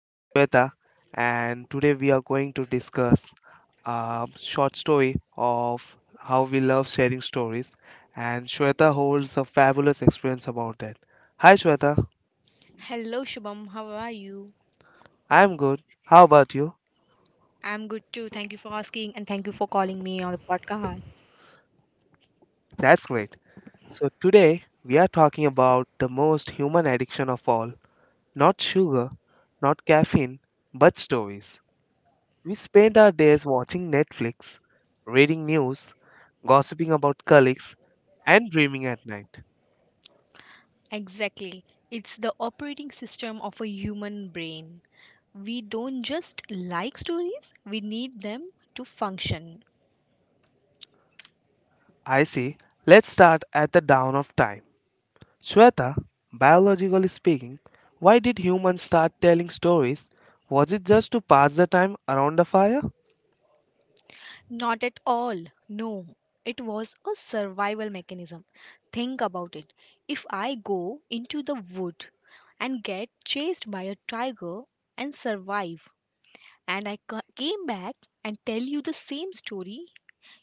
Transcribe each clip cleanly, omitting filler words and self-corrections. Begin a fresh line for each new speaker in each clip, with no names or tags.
which is Shweta and today we are going to discuss a short story of how we love sharing stories, and Shweta holds a fabulous experience about it. Hi Shweta,
Hello, Shubham. How are you?
I am good. How about you?
I'm good too. Thank you for asking and thank you for calling me on the podcast.
That's great. So today we are talking about the most human addiction of all, not sugar, not caffeine, but stories. We spend our days watching Netflix, reading news, gossiping about colleagues, and dreaming at night.
Exactly. It's the operating system of a human brain. We don't just like stories, we need them to function.
I see. Let's start at the dawn of time. Shweta, biologically speaking, why did humans start telling stories? Was it just to pass the time around the fire?
Not at all. No. It was a survival mechanism. Think about it. If I go into the wood and get chased by a tiger and survive, and came back and tell you the same story.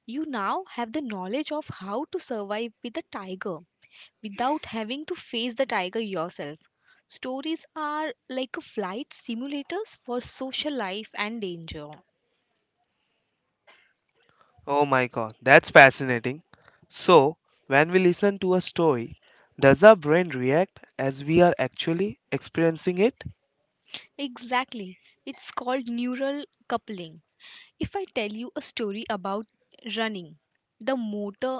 You now have the knowledge of how to survive with a tiger without having to face the tiger yourself. Stories are like a flight simulators for social life and danger.
Oh my god, that's fascinating. So, when we listen to a story, does our brain react as we are actually experiencing it?
Exactly. It's called neural coupling. If I tell you a story about running, the motor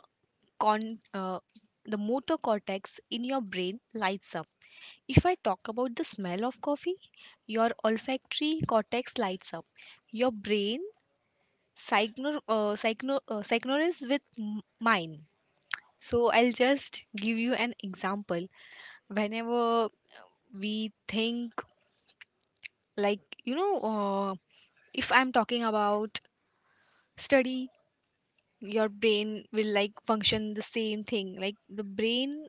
con uh, the motor cortex in your brain lights up. If I talk about the smell of coffee, your olfactory cortex lights up. Your brain psychnosis with mine. So I'll just give you an example. Whenever we think, like, you know, uh, if I'm talking about study, your brain will like function the same thing. Like, the brain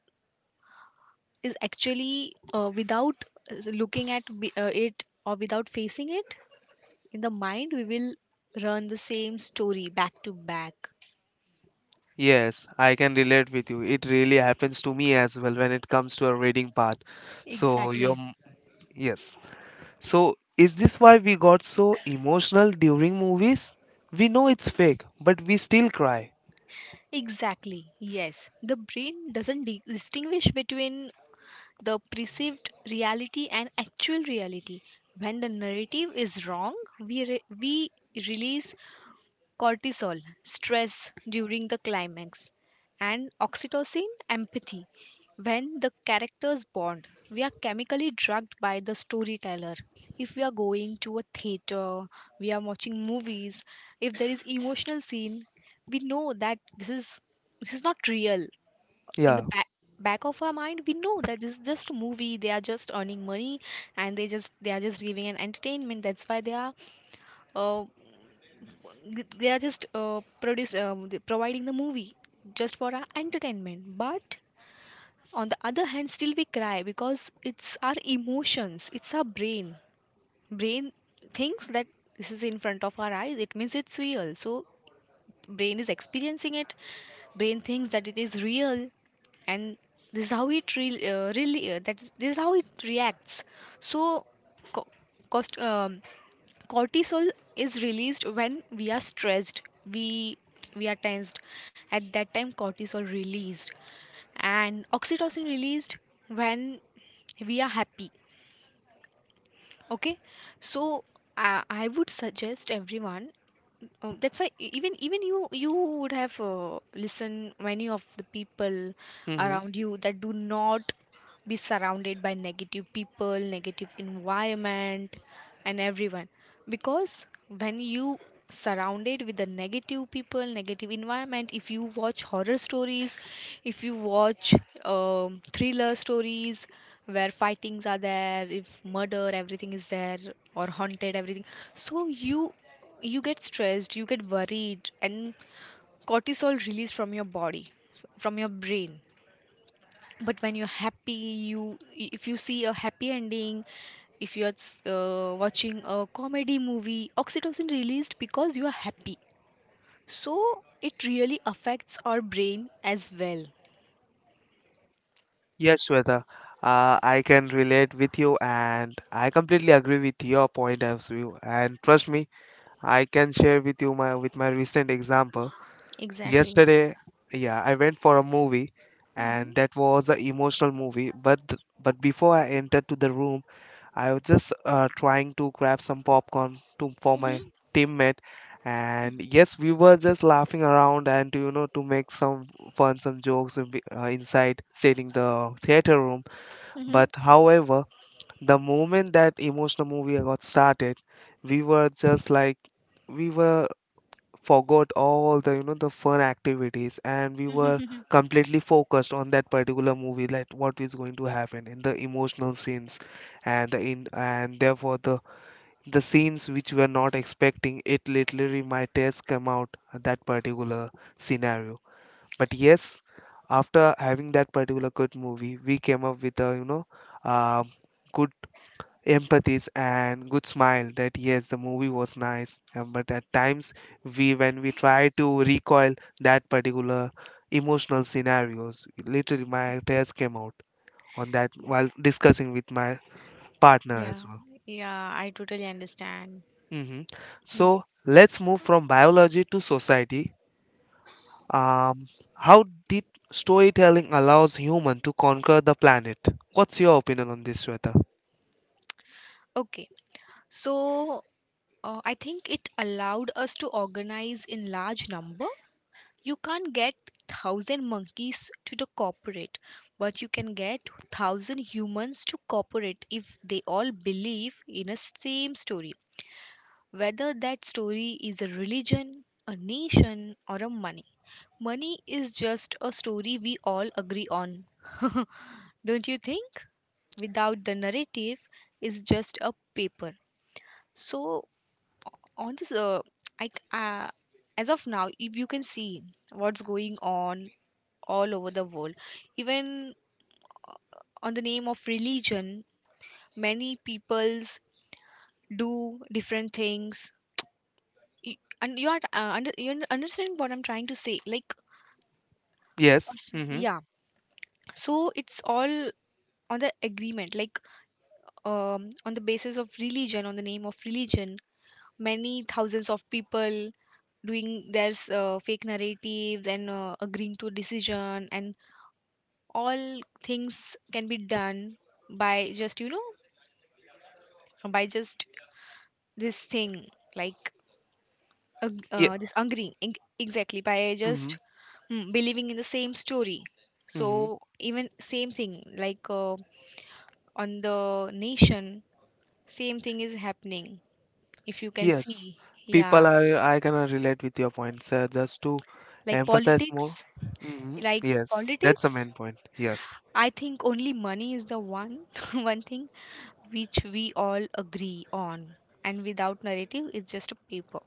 is actually without looking at it, or without facing it in the mind, we will run the same story back to back.
Yes, I can relate with you. It really happens to me as well when it comes to a reading part. So,
Exactly.
your yes. So, is this why we got so emotional during movies? We know it's fake, but we still cry.
Exactly, yes. The brain doesn't distinguish between the perceived reality and actual reality. When the narrative is wrong, we release cortisol, stress during the climax, and oxytocin, empathy. When the characters bond, we are chemically drugged by the storyteller. If we are going to a theater, we are watching movies, if there is emotional scene, we know that this is not real. In the
Yeah.
back of our mind, we know that this is just a movie. They are just earning money, and they are just giving an entertainment. That's why uh, they are just produce providing the movie just for our entertainment. But on the other hand, still we cry because it's our emotions, it's our brain thinks that this is in front of our eyes, it means it's real. So brain is experiencing it, brain thinks that it is real, and this is how it re- really that's this is how it reacts. So co- cost, um, cortisol is released when we are stressed, we we are tensed. At that time cortisol released, and oxytocin released when we are happy. Okay. So I would suggest everyone. Oh, that's why even you would have listened many of the people
Mm-hmm.
around you, that do not be surrounded by negative people, negative environment, and everyone. Because when you surrounded with the negative people, negative environment, if you watch horror stories, if you watch thriller stories where fightings are there, if murder, everything is there, or haunted, everything. So you get stressed, you get worried, and cortisol released from your body, from your brain. But when you're happy, you, if you see a happy ending, if you're watching a comedy movie, oxytocin released because you are happy. So it really affects our brain as well.
Yes, Shweta. I can relate with you, and I completely agree with your point of view. And trust me, I can share with you my with my recent example.
Exactly.
Yesterday, yeah, I went for a movie
Hmm.
and that was an emotional movie. But but before I entered to the room, I was just trying to grab some popcorn to for my
Hmm.
teammate. And yes, we were just laughing around and to, you know, to make some fun, some jokes inside sitting the theater room.
Hmm.
But however, the moment that emotional movie got started, we were just like we were forgot all the, you know, the fun activities, and we were
Hmm.
completely focused on that particular movie, like what is going to happen in the emotional scenes, and the in and therefore the scenes which we are not expecting it literally might just come out that particular scenario. But yes, after having that particular good movie, we came up with a, you know, uh, good empathies and good smile that yes, the movie was nice, but at times, we when we try to recoil that particular emotional scenarios, literally my tears came out on that while discussing with my partner
Yeah,
as well.
yeah, I totally understand.
Hmm.
Hmm.
So let's move from biology to society. Um, how did storytelling allows human to conquer the planet? What's your opinion on this, Sweta?
Okay. So I think it allowed us to organize in large number. You can't get thousand monkeys to the corporate, but you can get thousand humans to cooperate if they all believe in a same story, whether that story is a religion, a nation, or a money. Money is just a story we all agree on, don't you think? Without the narrative, it's just a paper. So on this I c- uh, as of now, if you can see what's going on all over the world, even on the name of religion, many peoples do different things. And you are you're understanding what I'm trying to say, like
Yes. Mm-hmm.
yeah. So it's all on the agreement, like on the basis of religion, on the name of religion, many thousands of people doing their fake narratives and agreeing to decision, and all things can be done by just you know, by just this thing like
Yeah.
this angry eng- exactly by
Mm-hmm.
just, mm, believing in the same story.
Mm-hmm.
So even same thing like, on the nation, same thing is happening, if you can
Yes,
see.
people
Yeah.
are, I can relate with your points. Just to
like
emphasize more.
politics
Hmm.
like
Yes, that's the
politics,
main point. Yes.
I think only money is the one one thing which we all agree on, and without narrative it's just a paper.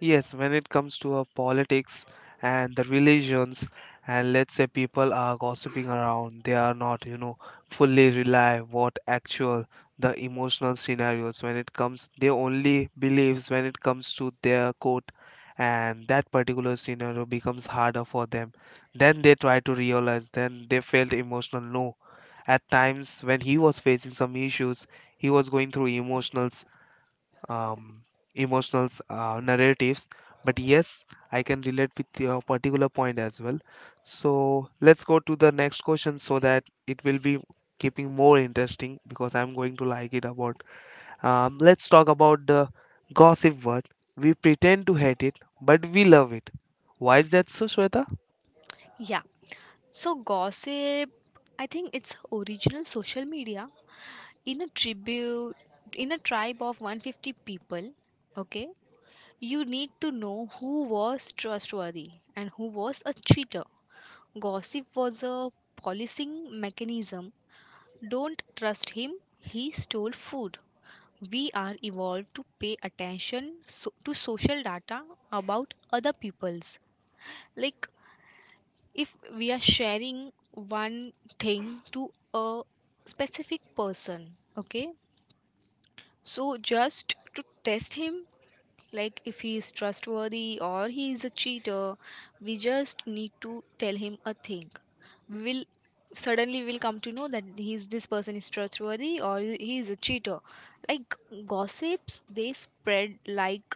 Yes, when it comes to politics and the religions, and let's say people are gossiping around, they are not, you know, fully rely what actual the emotional scenarios when it comes, they only believes when it comes to their court, and that particular scenario becomes harder for them. Then they try to realize, then they felt emotional. No, at times when he was facing some issues, he was going through emotional, um, emotional narratives. But yes, I can relate with your particular point as well. So let's go to the next question so that it will be keeping more interesting because I'm going to like it about. Let's talk about the gossip word. We pretend to hate it, but we love it. Why is that so, Shweta?
Yeah. So gossip, I think it's original social media in a tribute in a tribe of 150 people, okay? You need to know who was trustworthy and who was a cheater. Gossip was a policing mechanism. Don't trust him. He stole food. We are evolved to pay attention to social data about other people's. Like, if we are sharing one thing to a specific person, okay, so just to test him, like if he is trustworthy or he is a cheater, we just need to tell him a thing. We will, suddenly we'll come to know that he's this person is trustworthy or he is a cheater. Like, gossips they spread like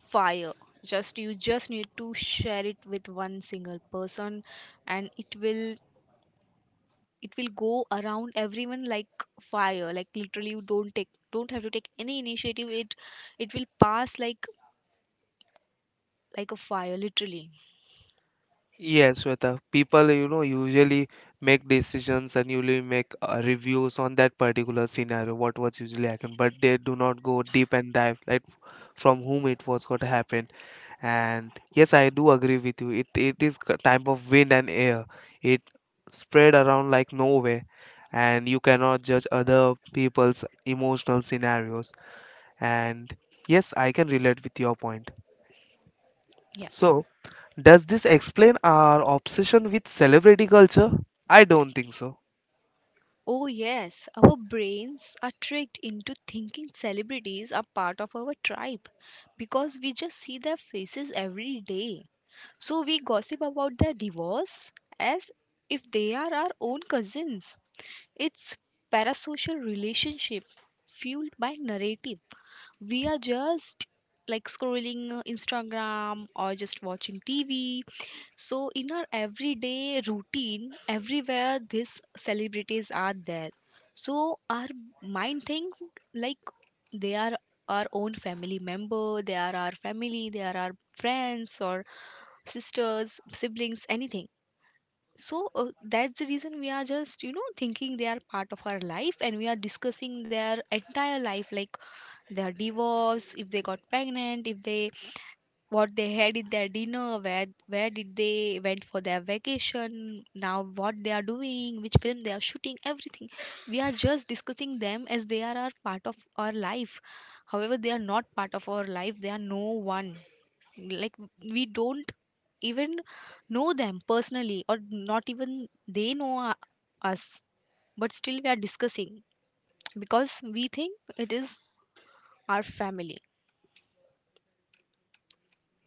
fire. Just you just need to share it with one single person, and it will go around everyone like fire. Like literally, you don't take, don't have to take any initiative, it will pass like a fire, literally.
Yes, Shweta. People, you know, usually make decisions and usually make reviews on that particular scenario, what was usually happened, but they do not go deep and dive, like from whom it was going to happen. And yes, I do agree with you. It is a type of wind and air. It spread around like nowhere, and you cannot judge other people's emotional scenarios. And yes, I can relate with your point.
Yeah.
So. Does this explain our obsession with celebrity culture? I don't think so.
Oh yes, our brains are tricked into thinking celebrities are part of our tribe because we just see their faces every day. So we gossip about their divorce as if they are our own cousins. It's parasocial relationship fueled by narrative. We are just like scrolling Instagram or just watching TV. So in our everyday routine, everywhere these celebrities are there. So our mind think like they are our own family member, they are our family, they are our friends or sisters, siblings, anything. So that's the reason we are just, you know, thinking they are part of our life, and we are discussing their entire life, like their divorce, if they got pregnant, if they, what they had in their dinner, where did they went for their vacation, now what they are doing, which film they are shooting, everything. We are just discussing them as they are our part of our life. However, they are not part of our life, they are no one. Like, we don't even know them personally, or not even they know us, but still we are discussing because we think it is our family.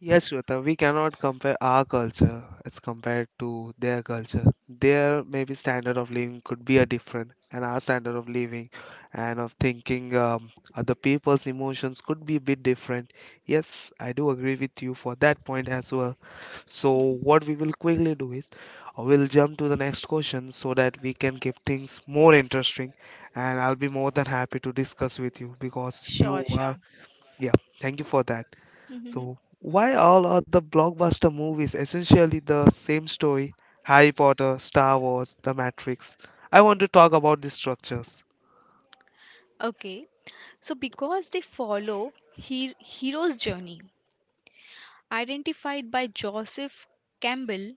Yes, Shweta, we cannot compare our culture as compared to their culture. Their maybe standard of living could be a different, and our standard of living and of thinking, other people's emotions could be a bit different. Yes, I do agree with you for that point as well. So what we will quickly do is, we'll jump to the next question so that we can keep things more interesting and I'll be more than happy to discuss with you because
Sure,
you
sure.
are, yeah, thank you for that.
Mhm.
So why all are the blockbuster movies essentially the same story? Harry Potter, Star Wars, The Matrix. I want to talk about these structures.
Okay. So because they follow hero's journey, identified by Joseph Campbell.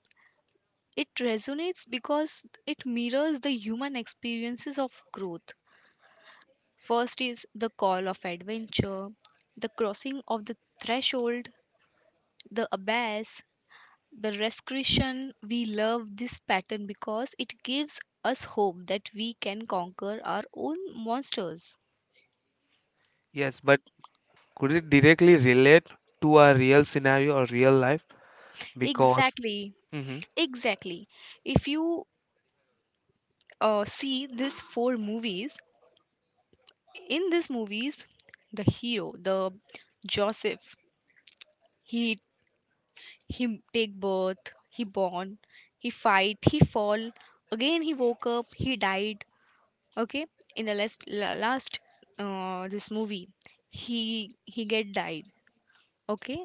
It resonates because it mirrors the human experiences of growth. First is the call of adventure, the crossing of the threshold, the abyss, the rescretion. We love this pattern because it gives us hope that we can conquer our own monsters.
Yes, but could it directly relate to a real scenario or real life? Because
Exactly,
mhm.
exactly. If you see these four movies, in these movies, the hero, the Joseph, he he take birth, he born, he fight, he fall, again he woke up, he died. Okay, in the last this movie, he get died. Okay,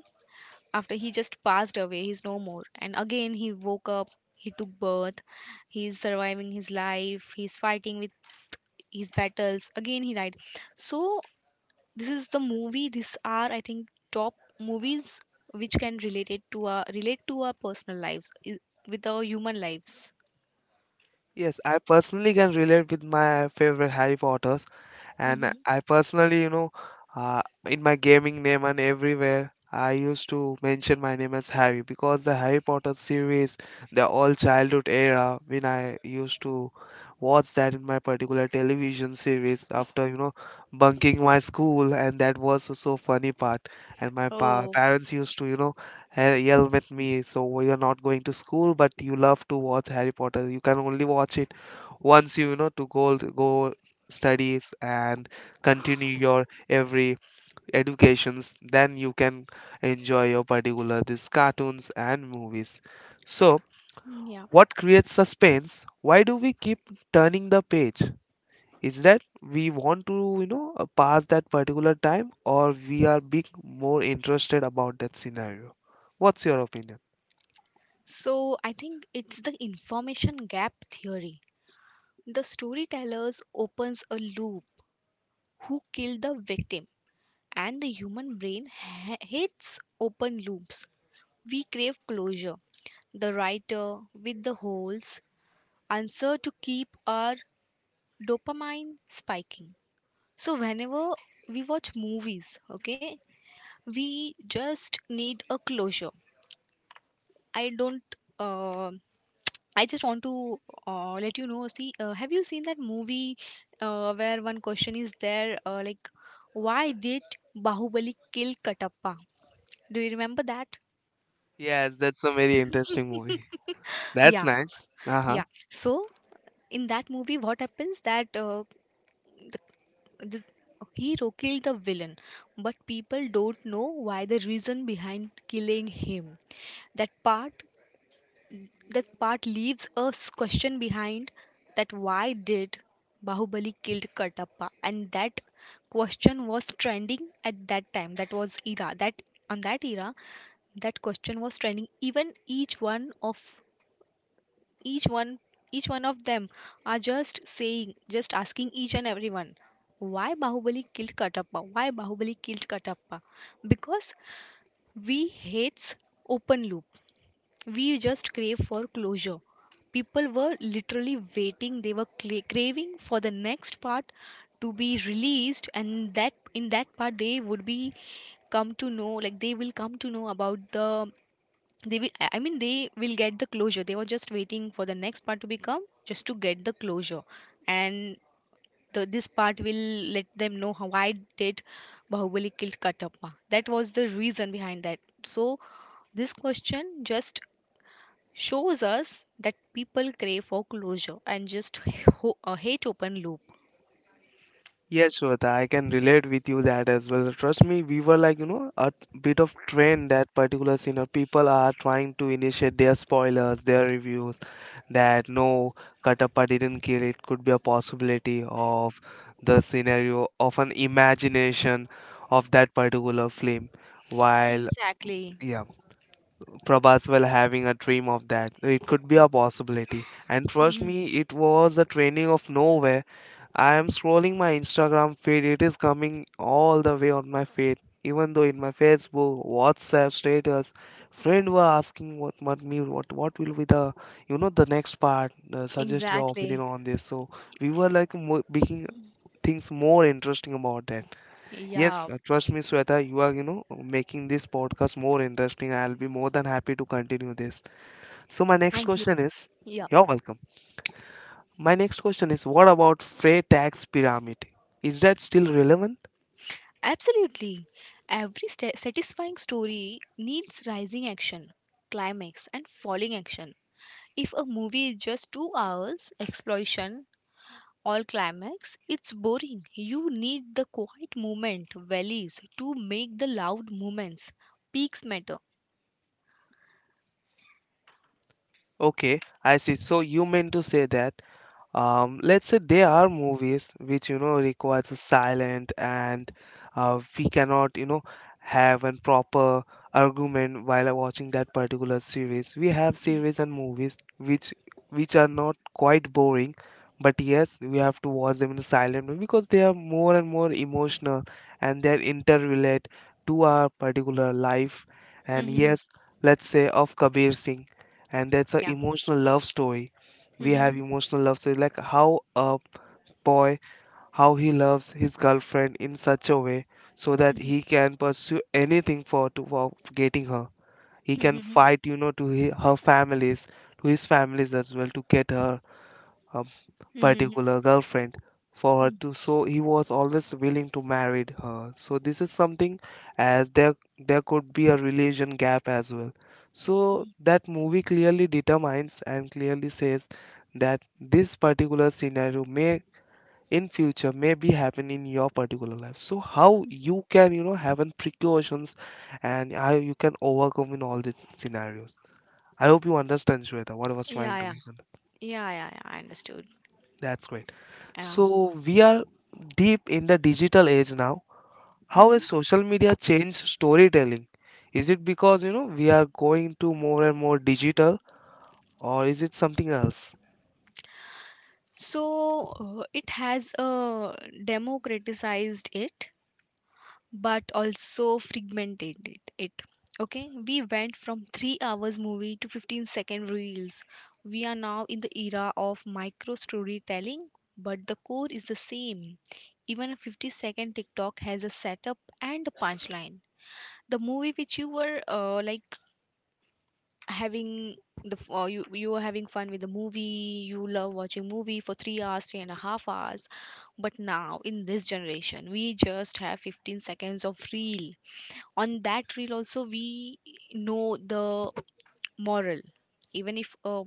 after he just passed away, he's no more, and again he woke up, he took birth, he's surviving his life, he's fighting with his battles, again he died. So this is the movie, these are, I think, top movies which can relate to our personal lives, with our human lives.
Yes, I personally can relate with my favorite Harry Potters, and
Hmm.
I personally, you know, in my gaming name and everywhere, I used to mention my name as Harry because the Harry Potter series, the all childhood era, when I used to watch that in my particular television series after, you know, bunking my school, and that was so so funny part. And my pa
Oh
parents used to, you know, yell at me, so you're not going to school, but you love to watch Harry Potter. You can only watch it once you, you know, to go studies and continue your every educations, then you can enjoy your particular these cartoons and movies. So
yeah.
what creates suspense? Why do we keep turning the page? Is that we want to, you know, pass that particular time or we are being more interested about that scenario? What's your opinion?
So I think it's the information gap theory. The storytellers opens a loop. Who killed the victim? And the human brain hates open loops. We crave closure. The writer with the holes answer to keep our dopamine spiking. So whenever we watch movies, okay, we just need a closure. I don't. Uh, I just want to let you know. See, have you seen that movie where one question is there, like, why did Bahubali kill Katappa? Do you remember that?
Yes, that's a very interesting movie. That's
Yeah,
nice. Uh-huh.
yeah. So in that movie, what happens that the, the hero killed the villain, but people don't know why the reason behind killing him. That part that part leaves a question behind, that why did bahubali killed katappa? And that question was trending at that time. That was era that, on that era, that question was trending. Even each one of each one each one of them are just saying, just asking each and everyone, why bahubali killed katappa, why bahubali killed katappa? Because we hates open loop, we just crave for closure. People were literally waiting, they were cla craving for the next part to be released, and that in that part they would be come to know, like they will come to know about the, they will I mean, they will get the closure. They were just waiting for the next part to become, just to get the closure. And the, this part will let them know how, why did bahubali killed katappa. That was the reason behind that. So this question just shows us that people crave for closure and just hate open loop.
Yes, Shweta, I can relate with you that as well. Trust me, we were like, you know, a bit of trend, that particular scene of people are trying to initiate their spoilers, their reviews, that no, Katappa didn't kill, it could be a possibility of the scenario of an imagination of that particular film. While
Exactly.
yeah, Prabhas will having a dream of that. It could be a possibility. And trust
Mhm.
me, it was a training of nowhere. I am scrolling my Instagram feed, it is coming all the way on my feed. Even though in my Facebook, WhatsApp status, friend were asking what me what will be the, you know, the next part. Suggest your opinion
Exactly.
on this. So we were like making things more interesting about that. Yes,
Yeah,
trust me, Sweta, you are, you know, making this podcast more interesting. I'll be more than happy to continue this. So my next
thank you.
question is,
Yeah.
you're welcome. My next question is what about freight tax pyramid? Is that still relevant?
Absolutely. Every sta satisfying story needs rising action, climax, and falling action. If a movie is just 2 hours, explosion, all climax, it's boring. You need the quiet moment, valleys, to make the loud movements. Peaks matter.
Okay, I see. So you meant to say that, um, let's say there are movies which, you know, requires a silent and we cannot, you know, have a proper argument while watching that particular series. We have series and movies which are not quite boring, but yes, we have to watch them in a silent way because they are more and more emotional and they're interrelate to our particular life. And
Mm-hmm.
yes, let's say of Kabir Singh, and that's an
Yeah.
emotional love story. We
Mm-hmm.
have emotional love stories like how a boy, how he loves his girlfriend in such a way so that
Mm-hmm.
he can pursue anything for to for getting her. He can
Mm-hmm.
fight, you know, to her families, to his families as well, to get her, her
Mm-hmm.
particular girlfriend for her to, so he was always willing to marry her. So this is something, as there there could be a religion gap as well, so that movie clearly determines and clearly says that this particular scenario may in future may be happen in your particular life. So how you can, you know, have an precautions and how you can overcome in all the scenarios. I hope you understand, Shweta, what I was
Yeah,
trying to
yeah,
make.
yeah, yeah, yeah, I understood.
That's great.
Yeah.
So we are deep in the digital age now. How has social media changed storytelling? Is it because, you know, we are going to more and more digital, or is it something else?
So it has democratized it, but also fragmented it. Okay, we went from 3 hours movie to 15 second reels. We are now in the era of micro storytelling, but the core is the same. Even a 50-second TikTok has a setup and a punchline. The movie which you were like having the you were having fun with the movie. You love watching movie for 3 hours, three and a half hours, but now, in this generation, we just have 15 seconds of reel. On that reel, also, we know the moral. Even if a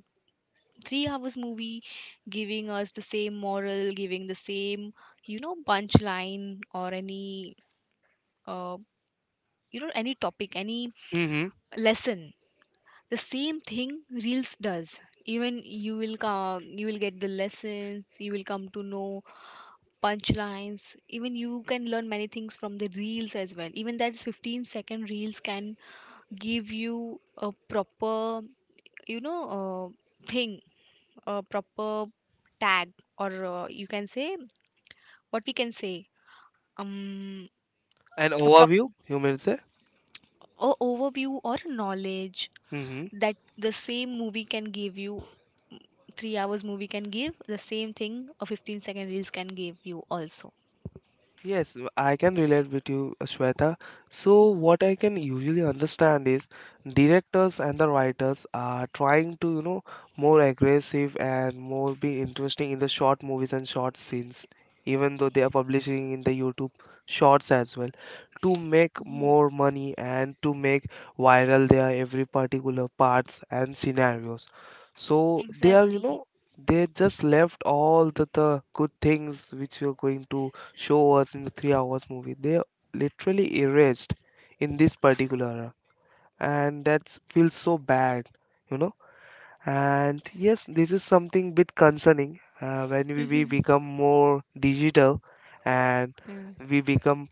3 hours movie giving us the same moral, giving the same, you know, punchline or any, uh, you know, any topic, any
Mm-hmm.
lesson, the same thing reels does. Even you will come, you will get the lessons. You will come to know punchlines. Even you can learn many things from the reels as well. Even that 15-second reels can give you a proper, you know, thing, a proper tag, or you can say, what we can say, um
An
a proper
overview, you may say.
overview or knowledge
Mm-hmm.
that the same movie can give you, 3 hours movie can give the same thing, a 15-second reels can give you also.
Yes, I can relate with you, Shweta. So, what I can usually understand is directors and the writers are trying to, you know, more aggressive and more be interesting in the short movies and short scenes, even though they are publishing in the YouTube shorts as well, to make
Mm-hmm.
more money and to make viral their every particular parts and scenarios. So, they are, you
Exactly.
know, they just left all the good things which you're going to show us in the 3 hours movie. They literally erased in this particular era, and that feels so bad, you know. And yes, this is something bit concerning, when we become more digital and we become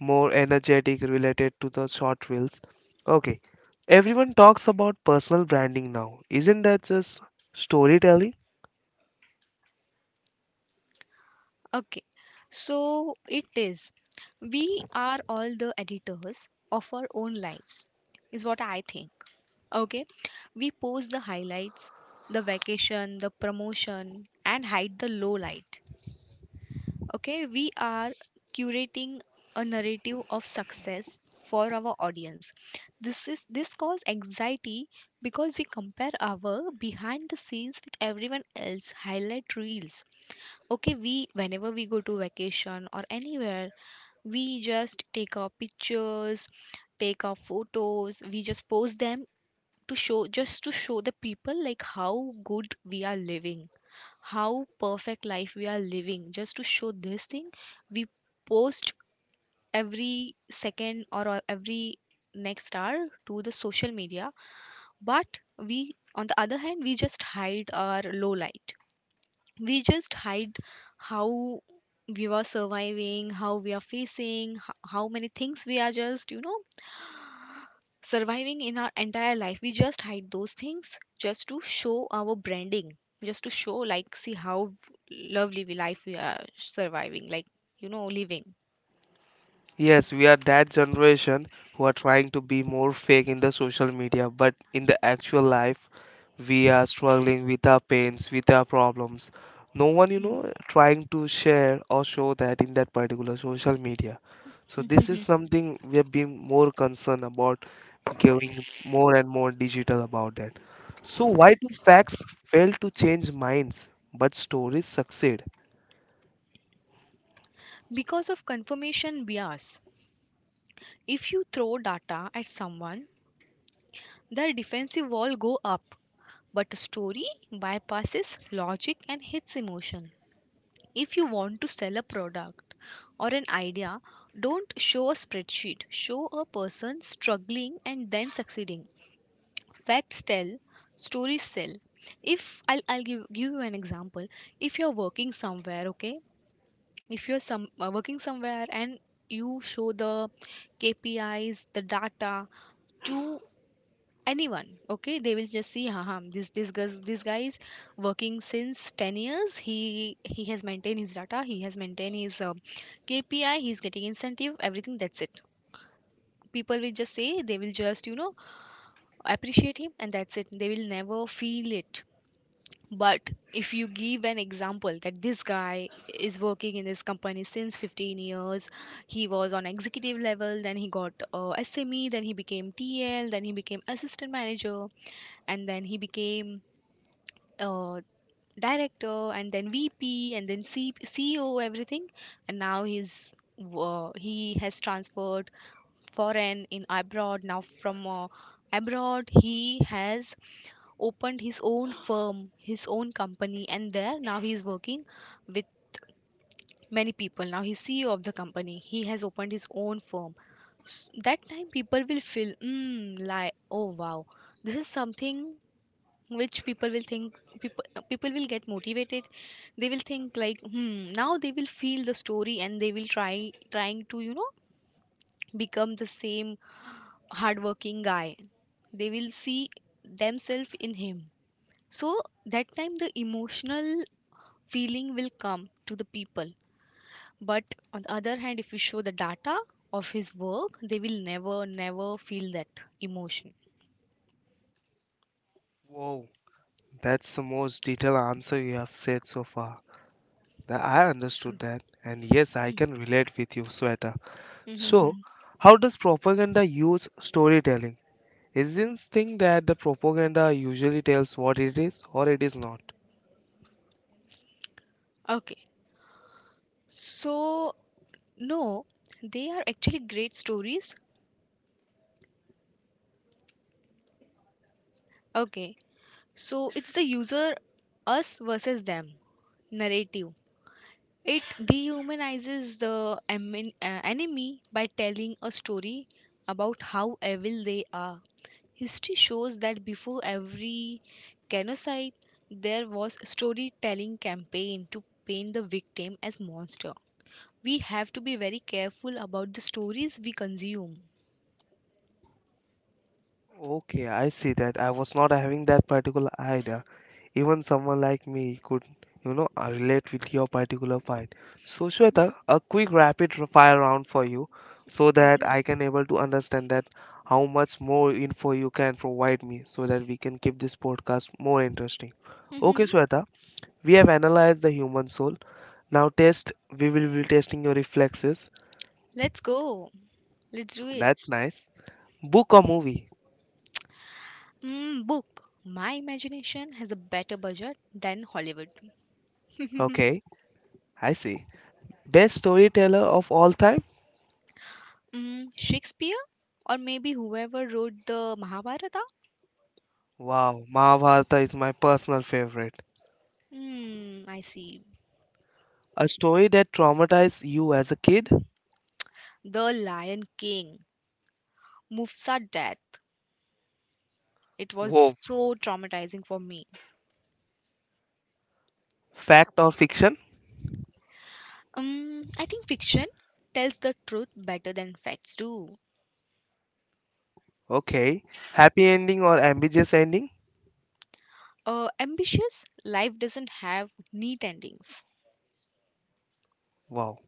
more energetic related to the short reels. Okay, everyone talks about personal branding now. Isn't that just storytelling?
Okay, so it is. We are all the editors of our own lives, is what I think. Okay, we post the highlights, the vacation, the promotion, and hide the low light. Okay, we are curating a narrative of success for our audience. This is this cause anxiety because we compare our behind the scenes with everyone else highlight reels. Okay, we, whenever we go to vacation or anywhere, we just take our pictures, take our photos, we just post them to show, just to show the people like how good we are living, how perfect life we are living, just to show this thing. We post every second, or every next hour to the social media. But we, on the other hand, we just hide our low light. We just hide how we were surviving, how we are facing, how many things we are just, you know, surviving in our entire life, we just hide those things, just to show our branding, just to show like, see how lovely we life we are surviving, like, you know, living.
Yes, we are that generation who are trying to be more fake in the social media, but in the actual life, we are struggling with our pains, with our problems. No one, you know, trying to share or show that in that particular social media. So this is
Mm.
something we have been more concerned about, going more and more digital about that. So why do facts fail to change minds, but stories succeed?
because of confirmation bias, if you throw data at someone, their defensive wall go up. But a story bypasses logic and hits emotion. If you want to sell a product or an idea, don't show a spreadsheet. Show a person struggling and then succeeding. Facts tell, stories sell. If I'll, I'll give you an example. If you're working somewhere, okay? If you're some working somewhere and you show the KPIs, the data to anyone, okay, they will just see, haha, this guys, this guy is working since 10 years, he has maintained his data, he has maintained his kpi, he's getting incentive, everything, that's it. People will just say, they will just, you know, appreciate him, and that's it. They will never feel it. But if you give an example that this guy is working in this company since 15 years, he was on executive level, then he got sme, then he became tl, then he became assistant manager, and then he became a director, and then VP, and then CEO, everything. And now he's he has transferred foreign in abroad now, from abroad he has opened his own firm, his own company, and there now he is working with many people. Now he's ceo of the company, he has opened his own firm. S that time, people will feel, mm, like, oh wow, this is something. Which people will think, people, people will get motivated, they will think like, hmm, now they will feel the story and they will try, trying to, you know, become the same hardworking guy. They will see themselves in him. So that time the emotional feeling will come to the people. But on the other hand, if you show the data of his work, they will never, never feel that emotion.
Wow, that's the most detailed answer you have said so far. That I understood that, and yes, I
Mm.
can relate with you, Sweta.
Mhm.
So,
Mhm.
how does propaganda use storytelling? Is this thing that the propaganda usually tells what it is or it is not?
Okay, so no, they are actually great stories. Okay, so it's the user, us versus them narrative. It dehumanizes the enemy by telling a story about how evil they are. History shows that before every genocide, there was a storytelling campaign to paint the victim as monster. We have to be very careful about the stories we consume.
Okay, I see that. I was not having that particular idea. Even someone like me could, you know, relate with your particular point. So, Shweta, a quick rapid fire round for you so that
Great.
I can able to understand that how much more info you can provide me so that we can keep this podcast more interesting. Okay, Shweta, we have analyzed the human soul. Now test, we will be testing your reflexes.
Let's go. Let's do it.
That's nice. Book or movie?
Mm, book. My imagination has a better budget than Hollywood.
Okay, I see. Best storyteller of all time?
mm, Shakespeare? Or maybe whoever wrote the Mahabharata?
Wow, Mahabharata is my personal favorite.
Mm, I see.
A story that traumatized you as a kid?
The Lion King. Mufsa death. It was
Whoa.
so traumatizing for me.
Fact or fiction?
I think fiction tells the truth better than facts do.
Okay. Happy ending or ambiguous ending?
Ambitious life doesn't have neat endings.
Wow.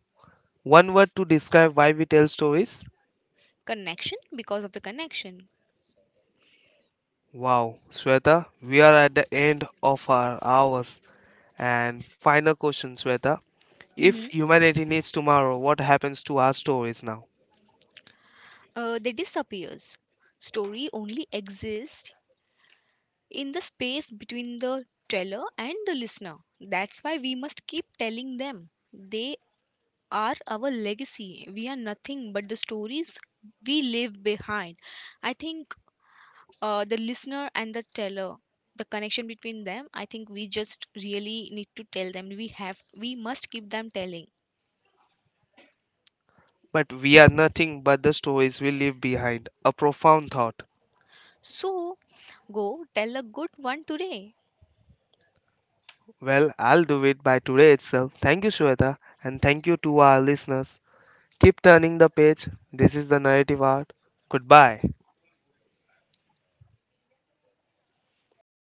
One word to describe why we tell stories?
Connection, because of the connection.
Wow. Shweta, we are at the end of our hours. And final question, Shweta. If
Mhm.
humanity needs tomorrow, what happens to our stories now?
They disappears, story only exists in the space between the teller and the listener. That's why we must keep telling them, they are our legacy. We are nothing but the stories we leave behind. I think the listener and the teller, the connection between them, I think we just really need to tell them, we have, we must keep them telling.
But we are nothing but the stories we leave behind. A profound thought.
So go tell a good one today.
Well, I'll do it by today itself. Thank you, Shweta, and thank you to our listeners. Keep turning the page. This is the narrative art. Goodbye.